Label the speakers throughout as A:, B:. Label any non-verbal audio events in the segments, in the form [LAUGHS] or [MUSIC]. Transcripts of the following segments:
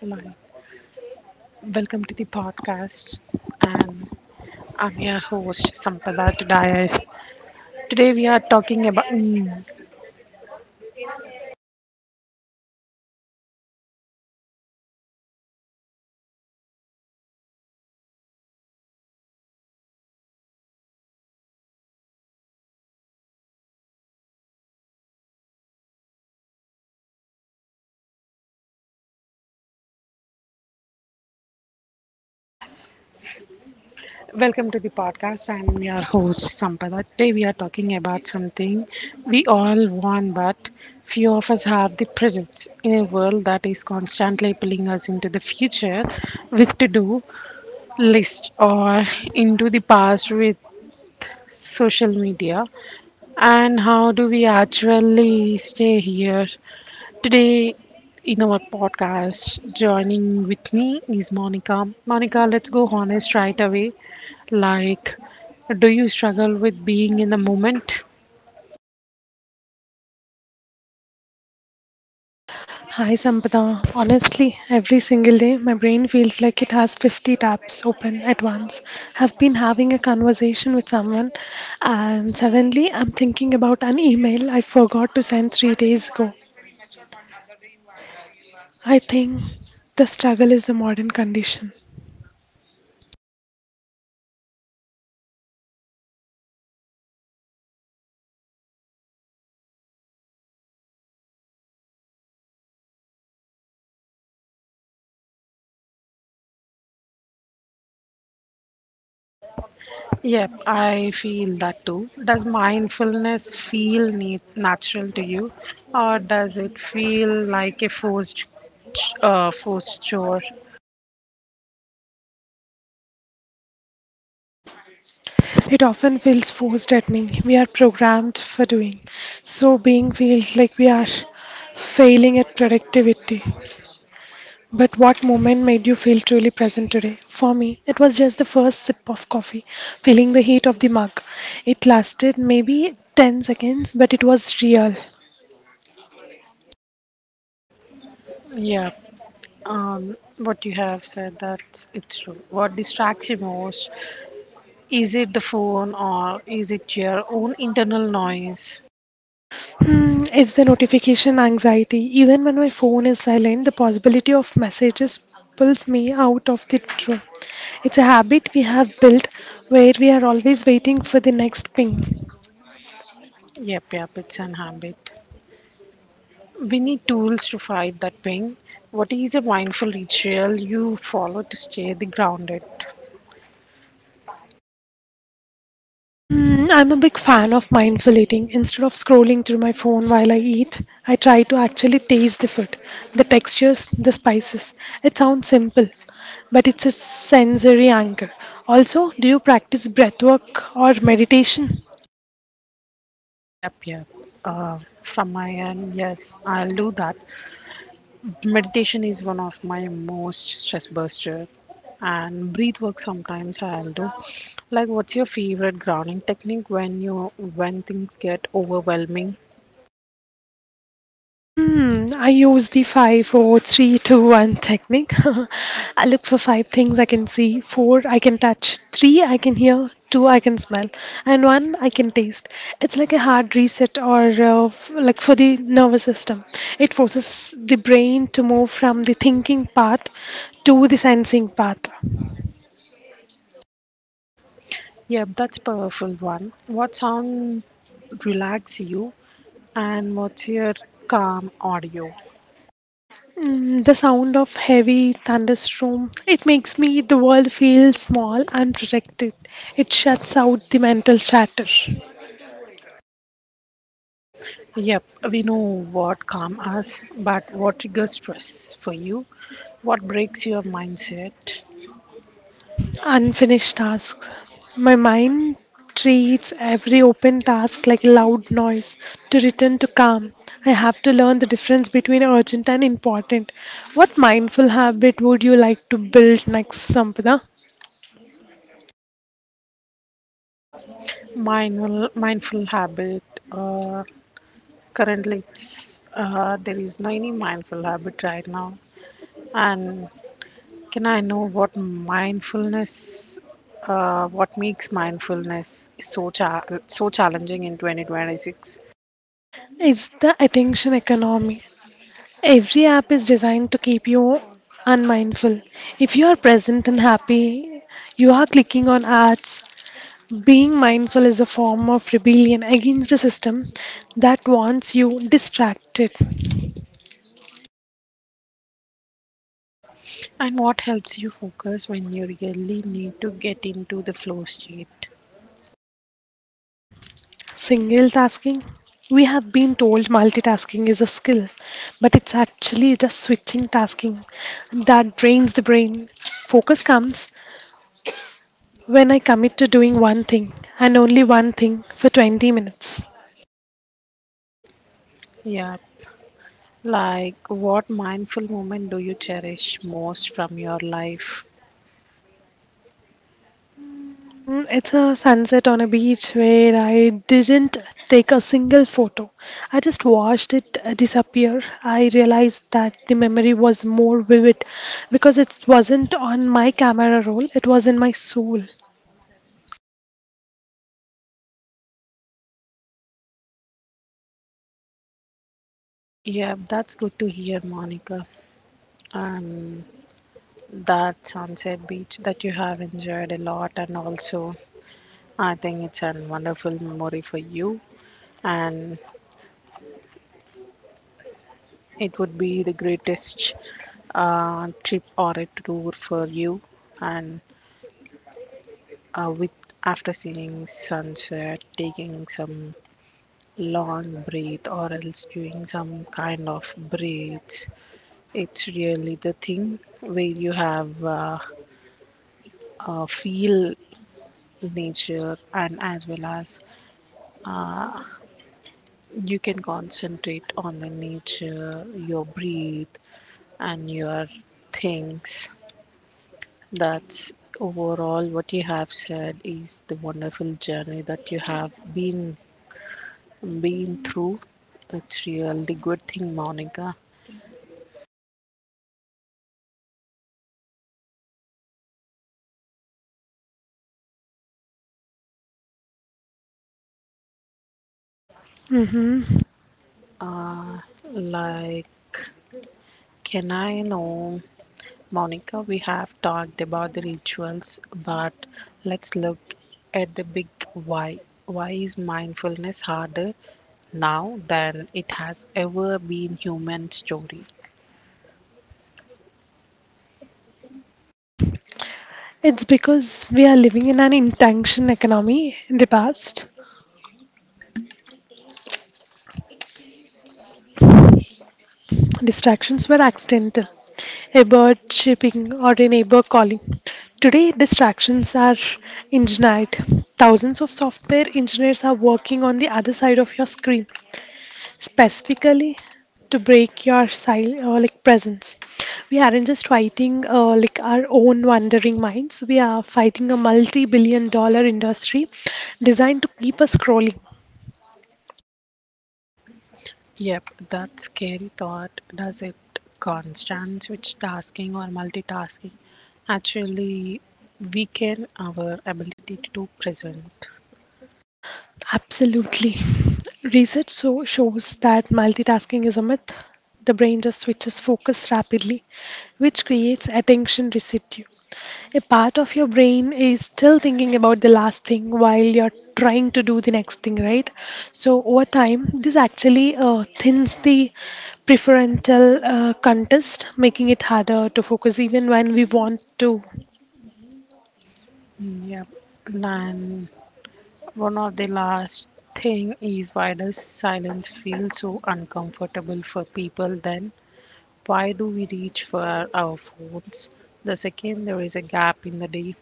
A: Hello, welcome to the podcast. And I'm your host, Sampada Tadaya. Today we are welcome to the podcast. I'm your host, Sampada. Today we are talking about something we all want, but few of us have the presence in a world that is constantly pulling us into the future with to do list, or into the past with social media. And how do we actually stay here? Today, in our podcast, joining with me is Monica. Monica, let's go honest right away. Like, do you struggle with being in the moment?
B: Hi Sampada. Honestly, every single day my brain feels like it has 50 tabs open at once. I've been having a conversation with someone and suddenly I'm thinking about an email I forgot to send 3 days ago. I think the struggle is a modern condition.
A: Yep, I feel that too. Does mindfulness feel natural to you, or does it feel like a forced chore?
B: It often feels forced at me. We are programmed for doing. So being feels like we are failing at productivity. But what moment made you feel truly present today? For me, it was just the first sip of coffee, feeling the heat of the mug. It lasted maybe 10 seconds, but it was real.
A: Yeah, what you have said that it's true. What distracts you most? Is it the phone or is it your own internal noise?
B: Hmm, it's the notification anxiety. Even when my phone is silent, the possibility of messages pulls me out of the room. It's a habit we have built where we are always waiting for the next ping.
A: Yep, yep, it's an habit. We need tools to fight that ping. What is a mindful ritual you follow to stay the grounded?
B: Mm, I'm a big fan of mindful eating. Instead of scrolling through my phone while I eat, I try to actually taste the food, the textures, the spices. It sounds simple, but it's a sensory anchor. Also, do you practice breathwork or meditation?
A: Yep, yep. From my end, yes, I'll do that. Meditation is one of my most stress buster, and breath work sometimes I'll do. Like, what's your favorite grounding technique when you when things get overwhelming?
B: Hmm, I use the five, four, three, two, one technique. [LAUGHS] I look for 5 things I can see, 4 I can touch, 3 I can hear, 2 I can smell, and 1 I can taste. It's like a hard reset or like for the nervous system. It forces the brain to move from the thinking part to the sensing part.
A: Yep, that's powerful one. What sound relax you and what's your calm audio?
B: Mm, the sound of heavy thunderstorm, it makes me the world feel small and protected. It shuts out the mental chatter.
A: Yep, we know what calm us, but what triggers stress for you? What breaks your mindset?
B: Unfinished tasks. My mind treats every open task like loud noise. To return to calm, I have to learn the difference between urgent and important. What mindful habit would you like to build next, Sampada?
A: Mindful habit. Uh, Currently, there is no any mindful habit right now, and can I know what what makes mindfulness so challenging in 2026,
B: It's the attention economy. Every app is designed to keep you unmindful. If you are present and happy, you are clicking on ads. Being mindful is a form of rebellion against a system that wants you distracted.
A: and what helps you focus when you really need to get into the flow state?
B: Single tasking. We have been told multitasking is a skill, but it's actually just switching tasking that drains the brain. Focus comes when I commit to doing one thing and only one thing for 20 minutes.
A: Yeah, like what mindful moment do you cherish most from your life?
B: Mm, it's a sunset on a beach where I didn't take a single photo. I just watched it disappear. I realized that the memory was more vivid because it wasn't on my camera roll, it was in my soul.
A: Yeah, that's good to hear, Monica. And that sunset beach that you have enjoyed a lot, and also I think it's a wonderful memory for you. And it would be the greatest trip or a tour for you, and with after seeing sunset, taking some long breath or else doing some kind of breaths. It's really the thing where you have feel nature and as well as you can concentrate on the nature, your breath, and your things. That's overall what you have said is the wonderful journey that you have been through. It's really good thing, Monica.
B: Hmm.
A: Like, can I know, Monica? We have talked about the rituals, but let's look at the big why. Why is mindfulness harder now than it has ever been human story?
B: It's because we are living in an intention economy in the past. Distractions were accidental, a bird chirping or a neighbor calling. Today, distractions are engineered. Thousands of software engineers are working on the other side of your screen, specifically to break your like presence. We aren't just fighting like our own wandering minds. We are fighting a multi-billion dollar industry designed to keep us scrolling.
A: Yep, that scary thought. Does it constant switch tasking or multitasking actually weaken our ability to present?
B: Absolutely. Research so shows that multitasking is a myth. The brain just switches focus rapidly, which creates attention residue. A part of your brain is still thinking about the last thing while you're trying to do the next thing, right? So, over time, this actually thins the prefrontal contest, making it harder to focus even when we want to.
A: Mm, yep. And one of the last thing is, why does silence feel so uncomfortable for people then? Why do we reach for our phones the second there is a gap in the day?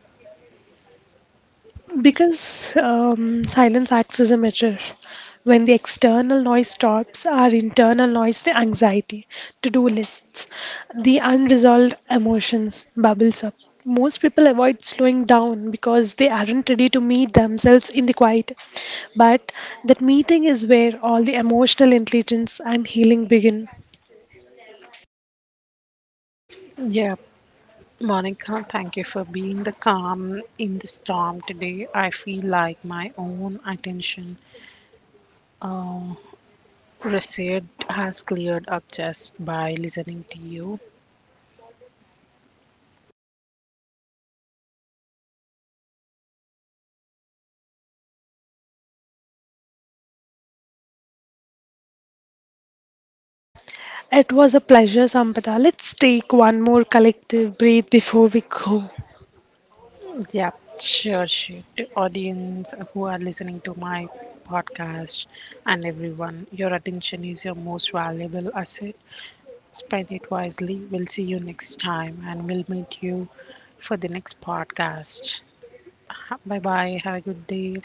B: Because silence acts as a mirror. When the external noise stops, our internal noise, the anxiety, to do lists, the unresolved emotions bubbles up. Most people avoid slowing down because they aren't ready to meet themselves in the quiet. But that meeting is where all the emotional intelligence and healing begin.
A: Yeah, Monica, thank you for being the calm in the storm today. I feel like my own attention uh, reset has cleared up just by listening to you.
B: It was a pleasure, Sampata. Let's take one more collective breath before we go.
A: Yep, sure, sure. To audience who are listening to my podcast and everyone, your attention is your most valuable asset. Spend it wisely. We'll see you next time and we'll meet you for the next podcast. Bye bye. Have a good day.